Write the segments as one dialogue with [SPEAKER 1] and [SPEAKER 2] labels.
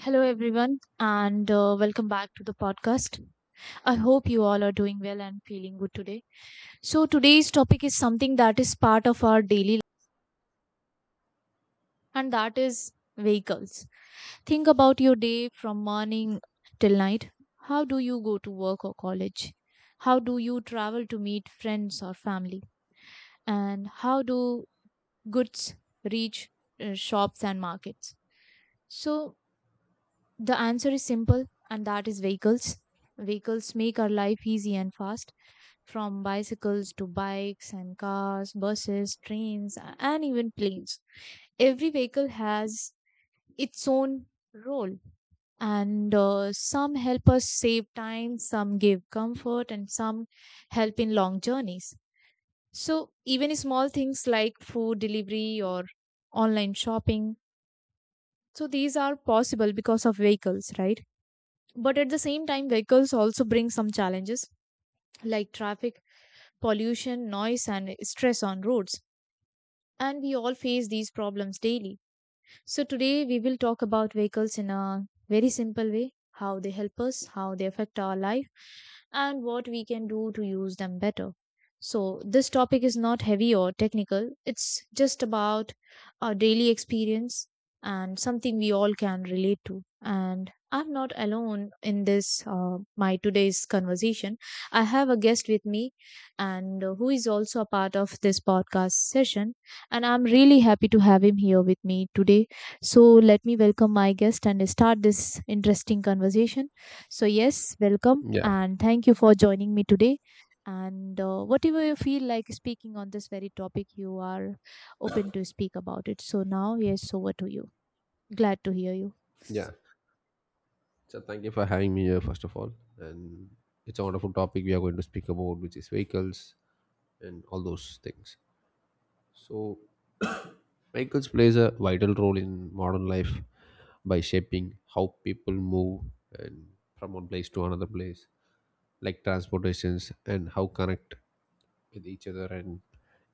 [SPEAKER 1] Hello, everyone, and welcome back to the podcast. I hope you all are doing well and feeling good today. So, today's topic is something that is part of our daily life, and that is vehicles. Think about your day from morning till night. How do you go to work or college? How do you travel to meet friends or family? And how do goods reach shops and markets? So, the answer is simple, and that is vehicles. Vehicles make our life easy and fast, from bicycles to bikes and cars, buses, trains, and even planes. Every vehicle has its own role, and some help us save time, some give comfort, and some help in long journeys. So, even small things like food delivery or online shopping, so these are possible because of vehicles, right? But at the same time, vehicles also bring some challenges like traffic, pollution, noise, and stress on roads. And we all face these problems daily. So, today we will talk about vehicles in a very simple way, how they help us, how they affect our life, and what we can do to use them better. So, this topic is not heavy or technical, it's just about our daily experience and something we all can relate to. And I'm not alone in this, my today's conversation. I have a guest with me, and who is also a part of this podcast session. And I'm really happy to have him here with me today, so let me welcome my guest and start this interesting conversation. So, yes, welcome
[SPEAKER 2] Yeah,
[SPEAKER 1] and thank you for joining me today. And whatever you feel like speaking on this very topic, you are open to speak about it. So, now, yes, over to you. Glad to hear you.
[SPEAKER 2] yeah. So thank you for having me here, first of all. And it's a wonderful topic we are going to speak about, which is vehicles and all those things. So vehicles plays a vital role in modern life by shaping how people move and from one place to another place, like transportations and how connect with each other and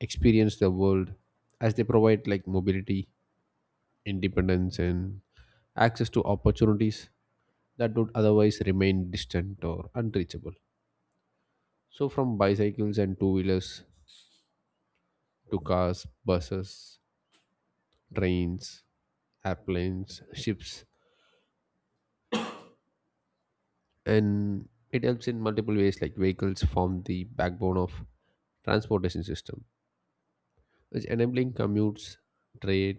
[SPEAKER 2] experience the world, as they provide like mobility, independence and access to opportunities that would otherwise remain distant or unreachable. So, from bicycles and two wheelers to cars, buses, trains, airplanes, ships, and it helps in multiple ways, like vehicles form the backbone of transportation system, which enabling commutes, trade,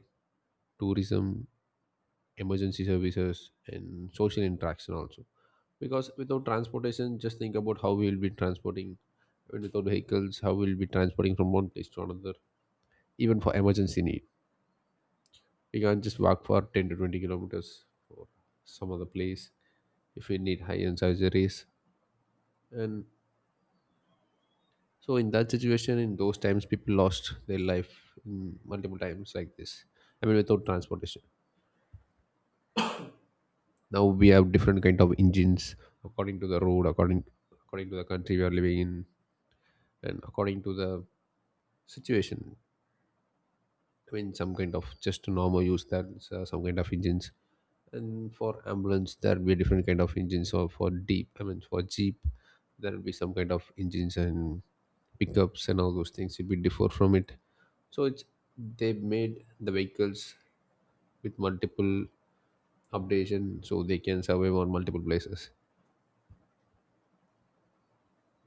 [SPEAKER 2] tourism, emergency services and social interaction also, because without transportation just think about how we will be transporting, I mean, without vehicles how we will be transporting from one place to another even for emergency need. We can't just walk for 10 to 20 kilometers for some other place if we need high end surgeries. And so, in that situation, in those times, people lost their life in multiple times like this. I mean, without transportation. Now we have different kind of engines according to the road, according to the country we are living in, and according to the situation. I mean, some kind of just normal use that, some kind of engines, and for ambulance there will be different kind of engines. Or for deep, I mean, for jeep, there will be some kind of engines and pickups and all those things. It will differ from it. So it's, they made the vehicles with multiple updation, so they can survive on multiple places.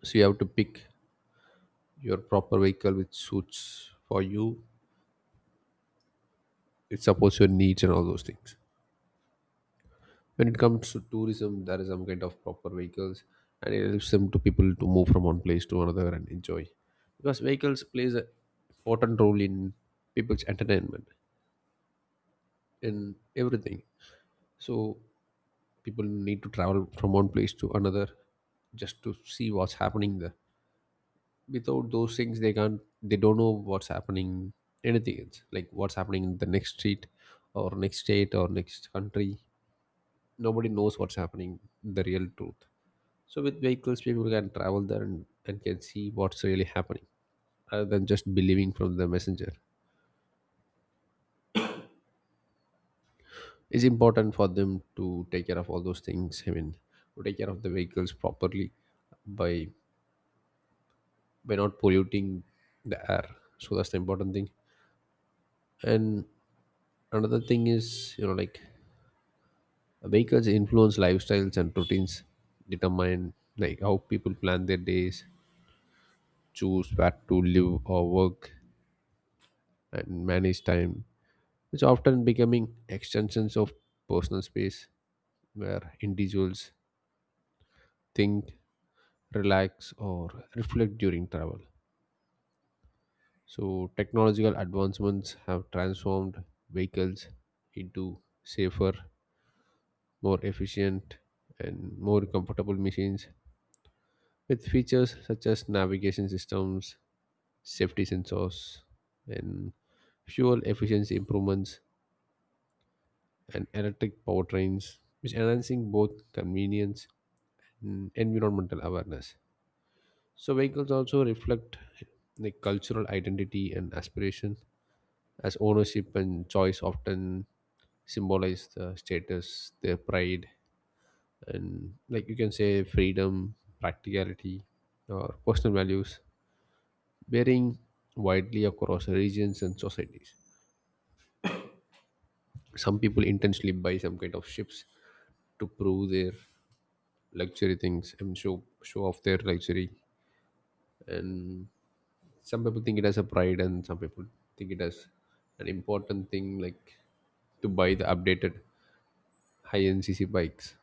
[SPEAKER 2] So you have to pick your proper vehicle which suits for you. It supports your needs and all those things. When it comes to tourism, there is some kind of proper vehicles and it helps them to people to move from one place to another and enjoy, because vehicles plays an important role in people's entertainment, in everything. So people need to travel from one place to another just to see what's happening there. Without those things they don't know what's happening, anything else, like what's happening in the next street or next state or next country. Nobody knows what's happening, the real truth. So with vehicles, people can travel there and can see what's really happening rather than just believing from the messenger. It's important for them to take care of all those things. I mean, to take care of the vehicles properly, by by not polluting the air. So that's the important thing. And another thing is, you know, like vehicles influence lifestyles and routines, determine like how people plan their days, choose where to live or work, and manage time, which often becoming extensions of personal space where individuals think, relax, or reflect during travel. So, technological advancements have transformed vehicles into safer, more efficient, and more comfortable machines, with features such as navigation systems, safety sensors, and fuel efficiency improvements and electric powertrains, which enhancing both convenience, environmental awareness. So vehicles also reflect the cultural identity and aspiration, as ownership and choice often symbolize the status, their pride, and, like you can say, freedom, practicality, or personal values, varying widely across regions and societies. Some people intentionally buy some kind of ships to prove their luxury things and show off their luxury, and some people think it as a pride, and some people think it as an important thing, like to buy the updated high ncc bikes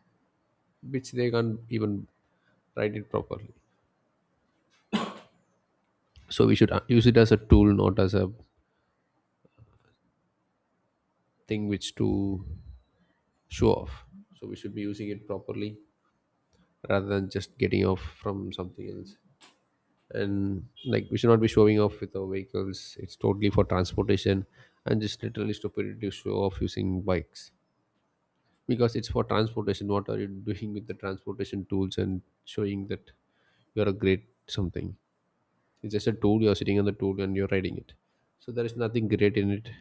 [SPEAKER 2] which they can't even ride it properly. So we should use it as a tool, not as a thing which to show off. So we should be using it properly rather than just getting off from something else. And like we should not be showing off with our vehicles. It's totally for transportation, and just literally stupidity to show off using bikes, because it's for transportation. What are you doing with the transportation tools and showing that you're a great something? It's just a tool, you're sitting on the tool and you're riding it, so there is nothing great in it.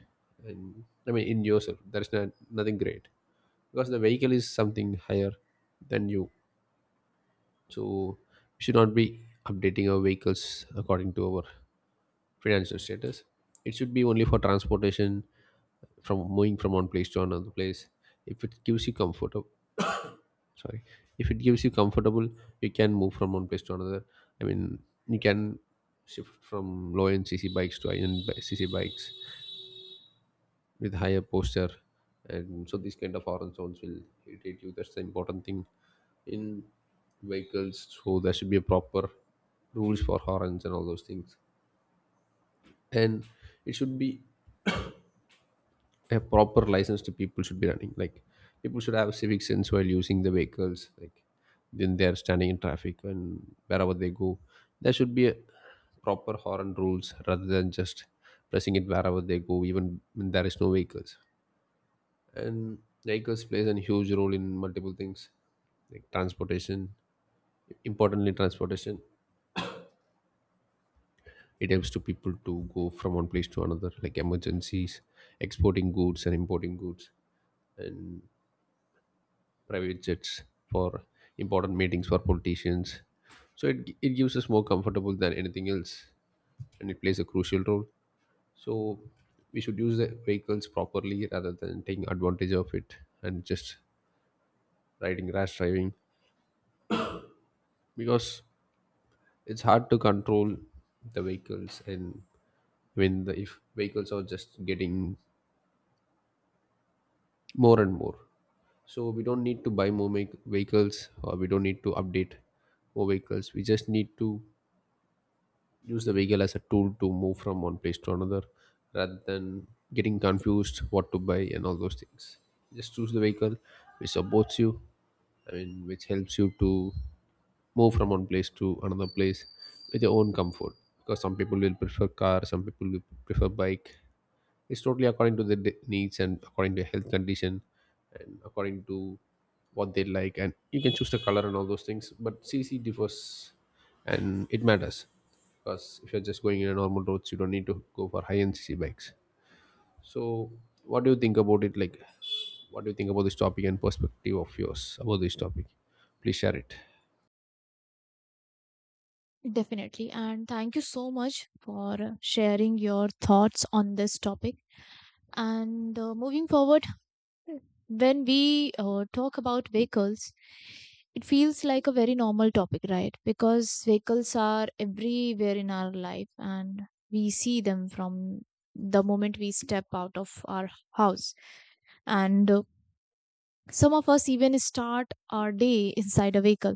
[SPEAKER 2] And I mean in yourself there is nothing great, because the vehicle is something higher than you. So we should not be updating our vehicles according to our financial status. It should be only for transportation, from moving from one place to another place. If it gives you comfort, sorry, if it gives you comfortable, you can move from one place to another. I mean, you can shift from low end cc bikes to high end cc bikes with higher posture, and so these kind of horn sounds will irritate you. That's the important thing in vehicles. So there should be a proper rules for horns and all those things, and it should be a proper license to people should be running, like people should have civic sense while using the vehicles, like when they are standing in traffic and wherever they go, there should be a proper horn rules rather than just pressing it wherever they go, even when there is no vehicles. And vehicles plays a huge role in multiple things, like transportation, importantly transportation. It helps to people to go from one place to another, like emergencies, exporting goods and importing goods, and private jets for important meetings for politicians. So it gives us more comfortable than anything else, and it plays a crucial role. So we should use the vehicles properly rather than taking advantage of it and just riding rash driving, because it's hard to control the vehicles. And when the, if vehicles are just getting more and more. So we don't need to buy more make vehicles, or we don't need to update more vehicles. We just need to use the vehicle as a tool to move from one place to another rather than getting confused what to buy and all those things. Just choose the vehicle which supports you, I mean which helps you to move from one place to another place with your own comfort, because some people will prefer car, some people will prefer bike. It's totally according to their de- needs and according to health condition, and according to what they like. And you can choose the color and all those things. But CC differs, and it matters, because if you're just going in a normal roads, you don't need to go for high end CC bikes. So, what do you think about it? Like, what do you think about this topic and perspective of yours about this topic? Please share it.
[SPEAKER 1] Definitely. And thank you so much for sharing your thoughts on this topic. And moving forward, when we talk about vehicles, it feels like a very normal topic, right? Because vehicles are everywhere in our life and we see them from the moment we step out of our house. And some of us even start our day inside a vehicle,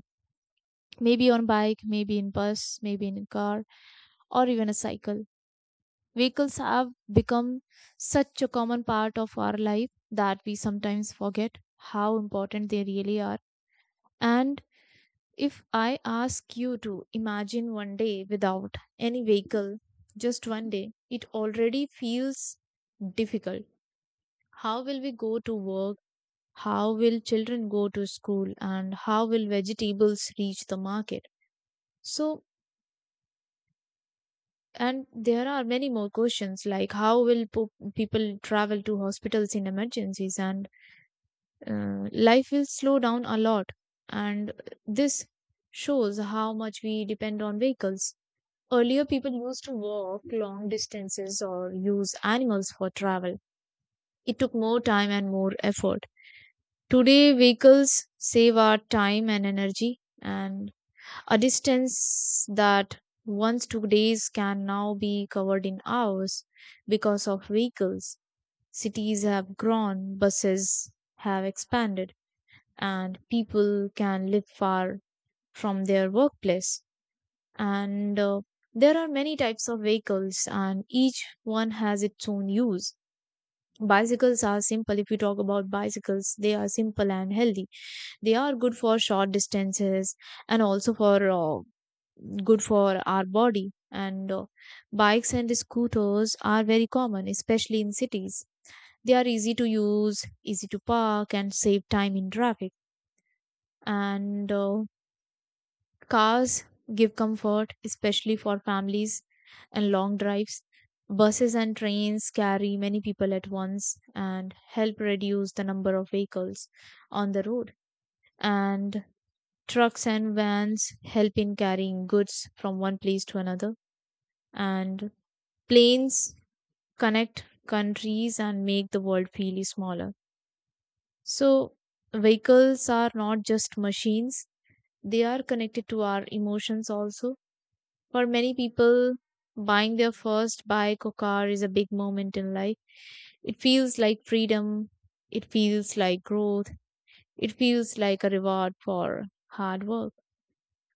[SPEAKER 1] maybe on bike, maybe in bus, maybe in car, or even a cycle. Vehicles have become such a common part of our life that we sometimes forget how important they really are. And if I ask you to imagine one day without any vehicle, just one day, it already feels difficult. How will we go to work? How will children go to school? And how will vegetables reach the market? So, and there are many more questions like how will people travel to hospitals in emergencies? And life will slow down a lot. And this shows how much we depend on vehicles. Earlier, people used to walk long distances or use animals for travel. It took more time and more effort. Today, vehicles save our time and energy, and a distance that once took days can now be covered in hours because of vehicles. Cities have grown, buses have expanded, and people can live far from their workplace. And there are many types of vehicles and each one has its own use. Bicycles are simple. If we talk about bicycles, they are simple and healthy. They are good for short distances and also for good for our body. And bikes and scooters are very common, especially in cities. They are easy to use, easy to park, and save time in traffic. And cars give comfort, especially for families and long drives. Buses and trains carry many people at once and help reduce the number of vehicles on the road. And trucks and vans help in carrying goods from one place to another. And planes connect countries and make the world feel smaller. So, vehicles are not just machines, they are connected to our emotions also. For many people, buying their first bike or car is a big moment in life. It feels like freedom. It feels like growth. It feels like a reward for hard work.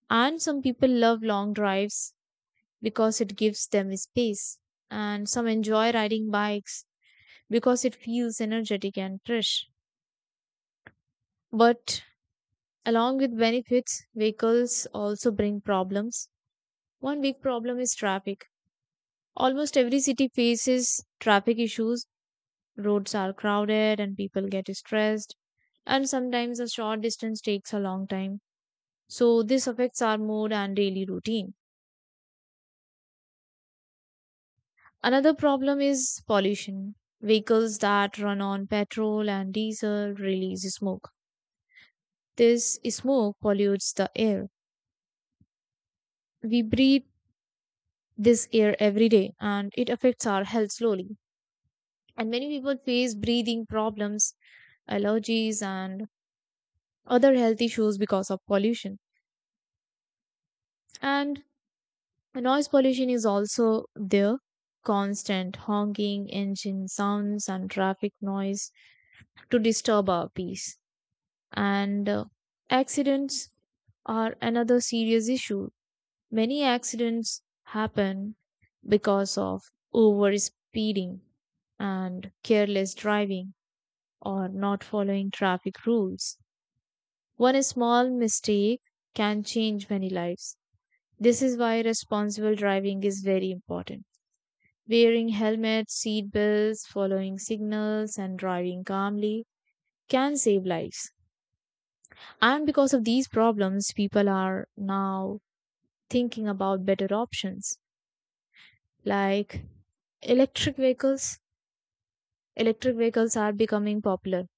[SPEAKER 1] And some people love long drives because it gives them space. And some enjoy riding bikes because it feels energetic and fresh. But along with benefits, vehicles also bring problems. One big problem is traffic. Almost every city faces traffic issues. Roads are crowded and people get stressed, and sometimes a short distance takes a long time. So, this affects our mood and daily routine. Another problem is pollution. Vehicles that run on petrol and diesel release smoke. This smoke pollutes the air. We breathe this air every day and it affects our health slowly. And many people face breathing problems, allergies, and other health issues because of pollution. And noise pollution is also there. Constant honking, engine sounds, and traffic noise to disturb our peace. And accidents are another serious issue. Many accidents happen because of over speeding and careless driving, or not following traffic rules. One small mistake can change many lives. This is why responsible driving is very important. Wearing helmets, seat belts, following signals, and driving calmly can save lives. And because of these problems, people are now thinking about better options like electric vehicles. Electric vehicles are becoming popular.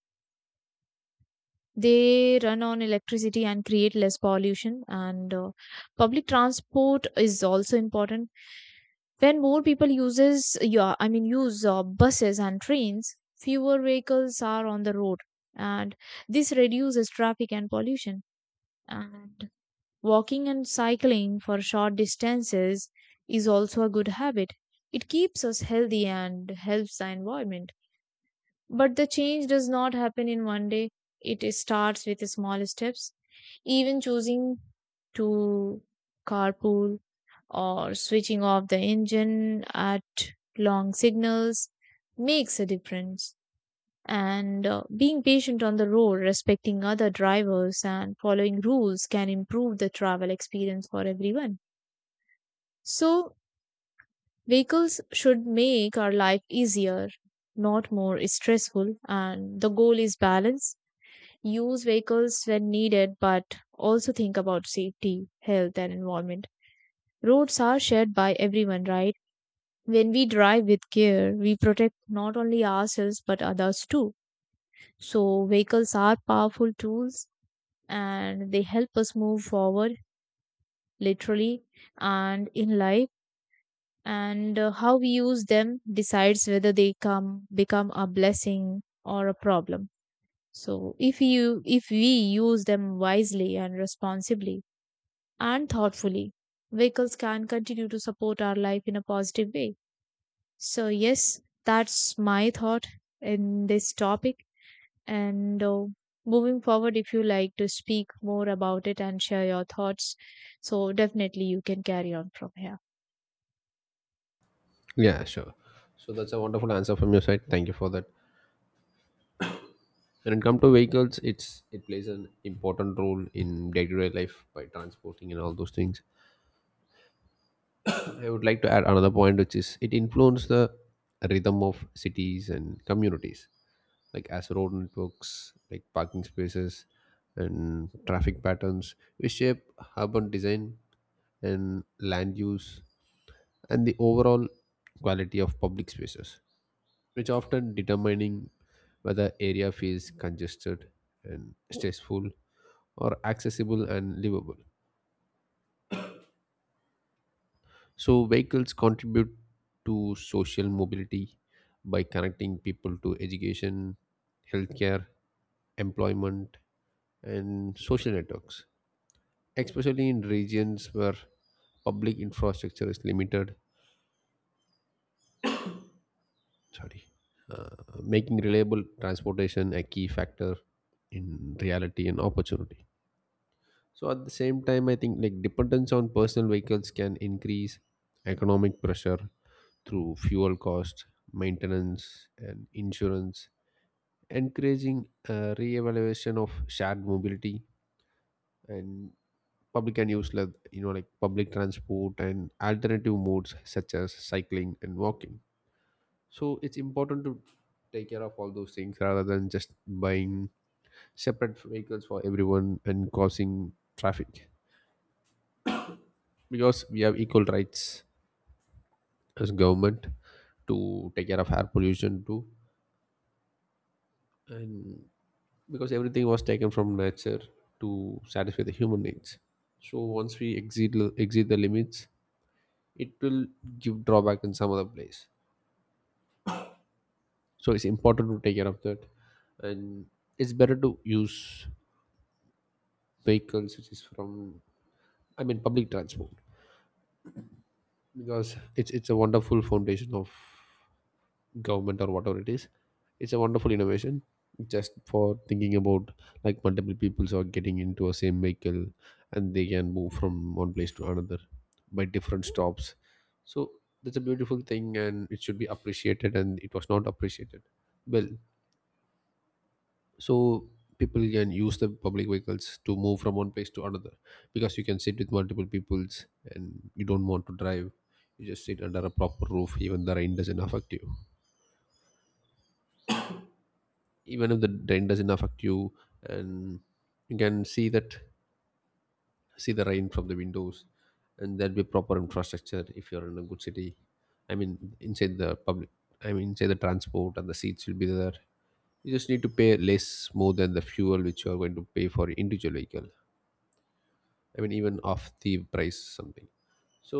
[SPEAKER 1] They run on electricity and create less pollution. And public transport is also important. When more people uses your I mean use buses and trains, fewer vehicles are on the road, and this reduces traffic and pollution. And walking and cycling for short distances is also a good habit. It keeps us healthy and helps the environment. But the change does not happen in one day. It starts with small steps. Even choosing to carpool or switching off the engine at long signals makes a difference. And being patient on the road, respecting other drivers, and following rules can improve the travel experience for everyone. So, vehicles should make our life easier, not more stressful. And the goal is balance. Use vehicles when needed, but also think about safety, health, and environment. Roads are shared by everyone, right? When we drive with care, we protect not only ourselves but others too. So, vehicles are powerful tools and they help us move forward, literally, and in life. And how we use them decides whether they come become a blessing or a problem. So, if we use them wisely and responsibly and thoughtfully, vehicles can continue to support our life in a positive way. So, yes, that's my thought in this topic. And moving forward, if you like to speak more about it and share your thoughts, so definitely you can carry on from here.
[SPEAKER 2] Yeah, sure. So that's a wonderful answer from your side. Thank you for that. When it comes to vehicles, it plays an important role in day-to-day life by transporting and all those things. I would like to add another point, which is it influences the rhythm of cities and communities, like as road networks, like parking spaces, and traffic patterns, which shape urban design and land use and the overall quality of public spaces, which often determining whether area feels congested and stressful, or accessible and livable. So, vehicles contribute to social mobility by connecting people to education, healthcare, employment, and social networks, especially in regions where public infrastructure is limited. Sorry. Uh, Making reliable transportation a key factor in reality and opportunity. So at the same time, I think like dependence on personal vehicles can increase economic pressure through fuel cost, maintenance, and insurance, encouraging a reevaluation of shared mobility and public and use, like, you know, like public transport and alternative modes such as cycling and walking. So it's important to take care of all those things rather than just buying separate vehicles for everyone and causing traffic, because we have equal rights as government to take care of air pollution too. And because everything was taken from nature to satisfy the human needs, so once we exceed the limits, it will give drawback in some other place. So it's important to take care of that. And it's better to use vehicles which is from, I mean, public transport, because it's a wonderful foundation of government or whatever it is. It's a wonderful innovation, just for thinking about, like, multiple peoples are getting into a same vehicle and they can move from one place to another by different stops. So that's a beautiful thing and it should be appreciated, and it was not appreciated well. So people can use the public vehicles to move from one place to another, because you can sit with multiple peoples, and you don't want to drive. You just sit under a proper roof, even the rain doesn't affect you, even if the rain doesn't affect you. And you can see that, see the rain from the windows. And there'll be proper infrastructure if you're in a good city, I mean inside the public, I mean inside the transport, and the seats will be there. You just need to pay less more than the fuel which you are going to pay for individual vehicle, I mean, even off the price something. So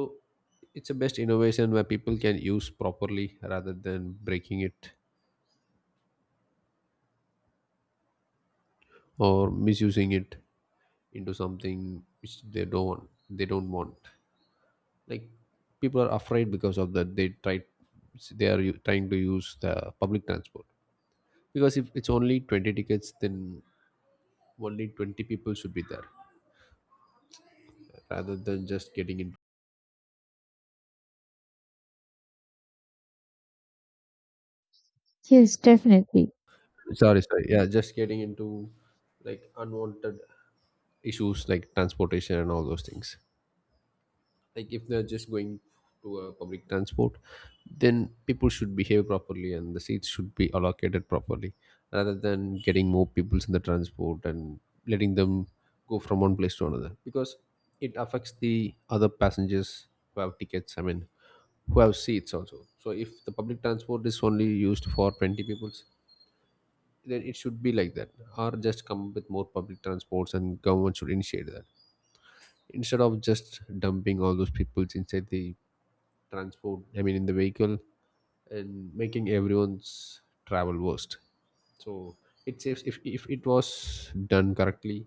[SPEAKER 2] it's a best innovation where people can use properly rather than breaking it or misusing it into something which they don't want. Like, people are afraid because of that they try, they are trying to use the public transport. Because if it's only 20 tickets, then only 20 people should be there, rather than just getting into,
[SPEAKER 1] Yes, definitely.
[SPEAKER 2] sorry, yeah, just getting into, like, unwanted issues like transportation and all those things. Like, if they're just going to a public transport, then people should behave properly and the seats should be allocated properly, rather than getting more people in the transport and letting them go from one place to another, because it affects the other passengers who have tickets, I mean, who have seats also. So if the public transport is only used for 20 people, then it should be like that. Or just come up with more public transports and government should initiate that, instead of just dumping all those people inside the transport, I mean in the vehicle, and making everyone's travel worst. So it saves if it was done correctly,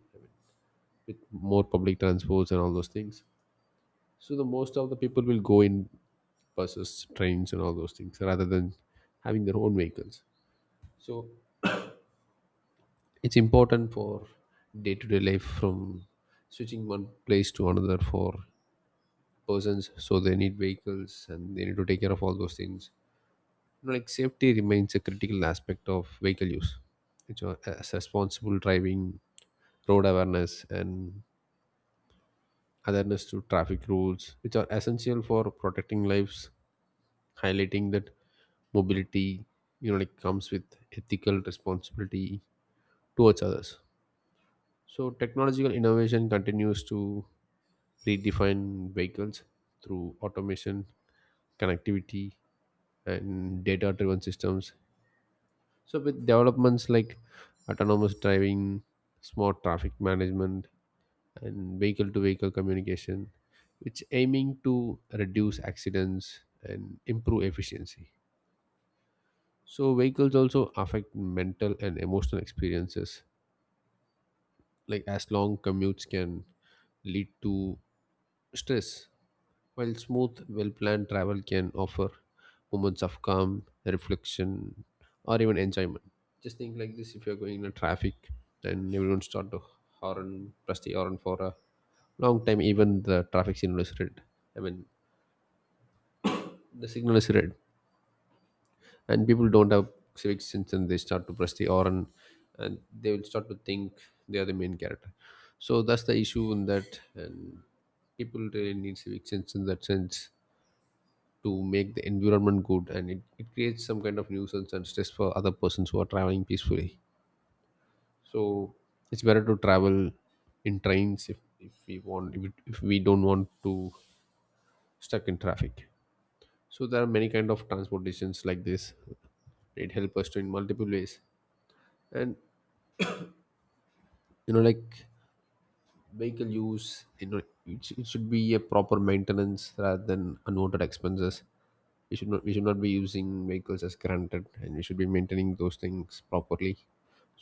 [SPEAKER 2] with more public transports and all those things. So the most of the people will go in buses, trains, and all those things, rather than having their own vehicles. So it's important for day-to-day life, from switching one place to another for persons, so they need vehicles and they need to take care of all those things. You know, like, safety remains a critical aspect of vehicle use, which are as responsible driving, road awareness, and awareness to traffic rules, which are essential for protecting lives, highlighting that mobility, you know, like, comes with ethical responsibility towards others. So technological innovation continues to redefine vehicles through automation, connectivity, and data driven systems. So with developments like autonomous driving, smart traffic management, and vehicle-to-vehicle communication, which aiming to reduce accidents and improve efficiency. So vehicles also affect mental and emotional experiences, like as long commutes can lead to stress, while smooth, well planned travel can offer moments of calm, reflection, or even enjoyment. Just think like this: if you're going in a traffic and everyone start to horn, press the horn for a long time, even the traffic signal is red. I mean, the signal is red, and people don't have civic sense, and they start to press the horn, and they will start to think they are the main character. So that's the issue in that, and people really need civic sense in that sense to make the environment good, and it creates some kind of nuisance and stress for other persons who are traveling peacefully. So it's better to travel in trains, if we want, if we don't want to stuck in traffic. So there are many kind of transportations like this. It helps us to in multiple ways. And, you know, like, vehicle use, you know, it should be a proper maintenance rather than unwanted expenses. We should not be using vehicles as granted, and we should be maintaining those things properly.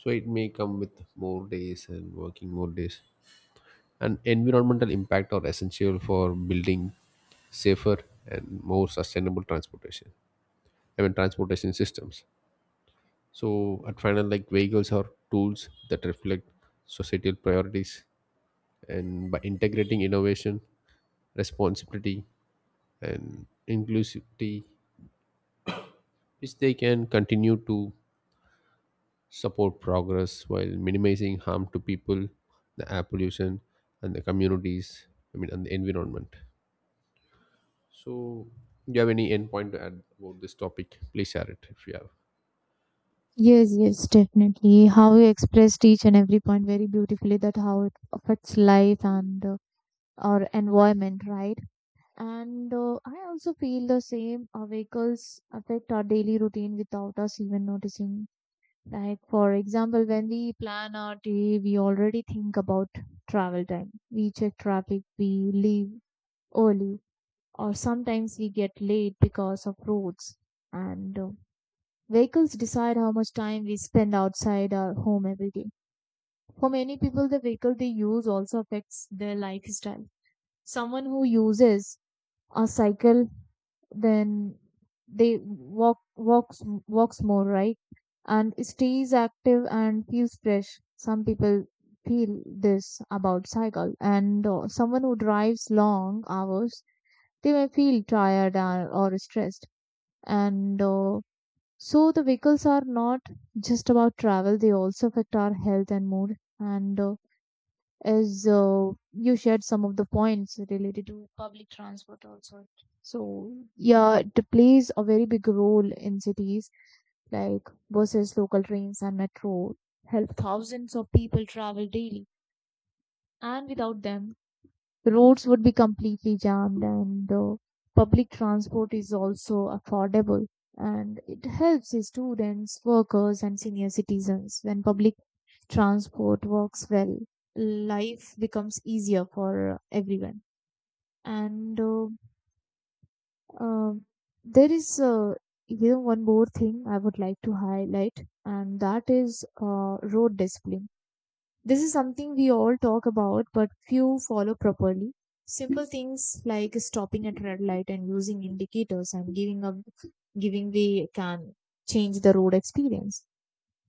[SPEAKER 2] So it may come with more days and working more days, and environmental impact are essential for building safer and more sustainable transportation, I mean, transportation systems. So at final, like, vehicles are tools that reflect societal priorities, and by integrating innovation, responsibility, and inclusivity, which they can continue to support progress while minimizing harm to people, the air pollution, and the communities, I mean, and the environment. So, do you have any end point to add about this topic? Please share it if you have.
[SPEAKER 1] Yes, yes, definitely. How you expressed each and every point very beautifully, that how it affects life and our environment, right? And I also feel the same. Our vehicles affect our daily routine without us even noticing. Like, for example, when we plan our day, we already think about travel time. We check traffic, we leave early, or sometimes we get late because of roads. And vehicles decide how much time we spend outside our home every day. For many people, the vehicle they use also affects their lifestyle. Someone who uses or cycle, then they walks more, right, and stays active and feels fresh. Some people feel this about cycle. And someone who drives long hours, they may feel tired or stressed. And so the vehicles are not just about travel, they also affect our health and mood. And as you shared some of the points related to public transport also. So yeah, it plays a very big role in cities, like buses, local trains, and metro help thousands of people travel daily, and without them, the roads would be completely jammed, and public transport is also affordable. And it helps the students, workers, and senior citizens. When public transport works well, life becomes easier for everyone. And uh, there is one more thing I would like to highlight, and that is road discipline. This is something we all talk about, but few follow properly. Simple things like stopping at red light and using indicators and giving way can change the road experience.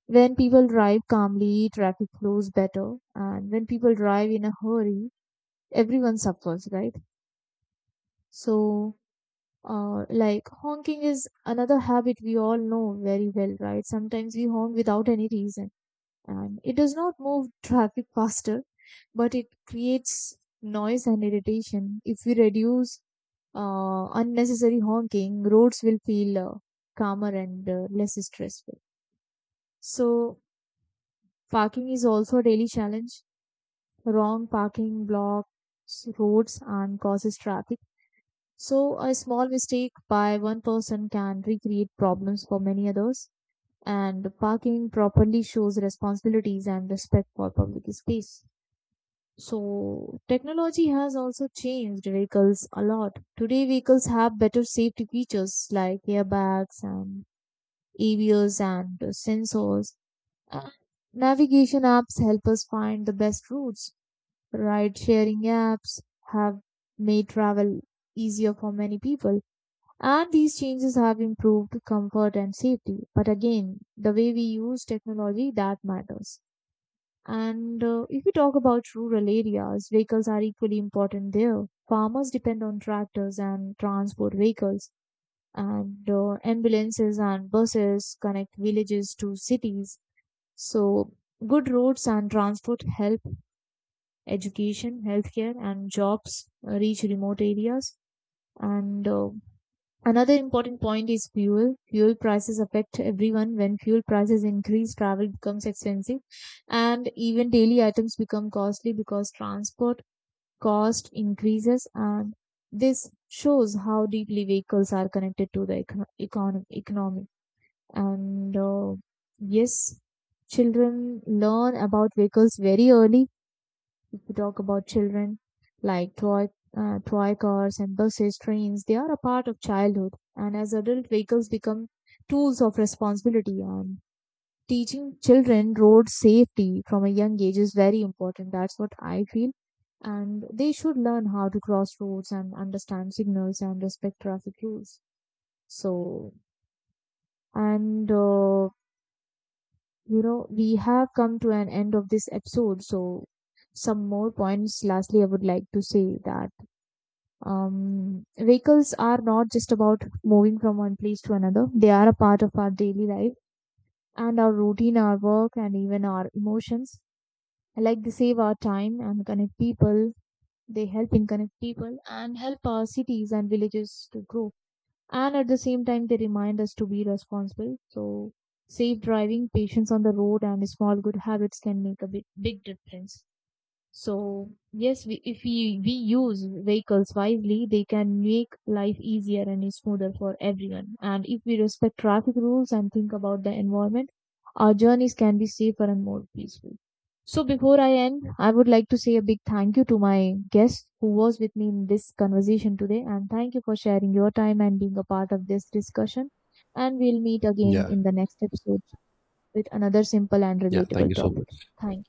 [SPEAKER 1] When people drive calmly, traffic flows better, and when people drive in a hurry, everyone suffers, right? So, like honking is another habit we all know very well, right? Sometimes we honk without any reason, and it does not move traffic faster, but it creates noise and irritation. If we reduce unnecessary honking, roads will feel calmer and less stressful. So, parking is also a daily challenge. Wrong parking blocks roads and causes traffic. So a small mistake by one person can recreate problems for many others. And parking properly shows responsibilities and respect for public space. So technology has also changed vehicles a lot. Today vehicles have better safety features like airbags and ABS and sensors. And navigation apps help us find the best routes. Ride sharing apps have made travel easier for many people, and these changes have improved comfort and safety. But again, the way we use technology, that matters. And if we talk about rural areas, vehicles are equally important there. Farmers depend on tractors and transport vehicles, and ambulances and buses connect villages to cities. So, good roads and transport help education, healthcare, and jobs reach remote areas. And another important point is fuel. Fuel prices affect everyone. When fuel prices increase, travel becomes expensive, and even daily items become costly because transport cost increases. And this shows how deeply vehicles are connected to the economy. And yes, children learn about vehicles very early. We talk about children, like toy, toy cars and buses, trains. They are a part of childhood, and as adult, vehicles become tools of responsibility, and teaching children road safety from a young age is very important. That's what I feel. And they should learn how to cross roads and understand signals and respect traffic rules. So, and we have come to an end of this episode. So, some more points. Lastly, I would like to say that vehicles are not just about moving from one place to another. They are a part of our daily life and our routine, our work, and even our emotions. Like they save our time and connect people. They help in connect people and help our cities and villages to grow. And at the same time, they remind us to be responsible. So, safe driving, patience on the road, and small good habits can make a big, big difference. So yes, we, if we, we use vehicles wisely, they can make life easier and smoother for everyone. And if we respect traffic rules and think about the environment, our journeys can be safer and more peaceful. So before I end, I would like to say a big thank you to my guest who was with me in this conversation today. And thank you for sharing your time and being a part of this discussion. And we'll meet again
[SPEAKER 2] Yeah.
[SPEAKER 1] in the next episode with another simple and
[SPEAKER 2] Yeah. Thank
[SPEAKER 1] relatable
[SPEAKER 2] you so
[SPEAKER 1] topic.
[SPEAKER 2] much.
[SPEAKER 1] Thank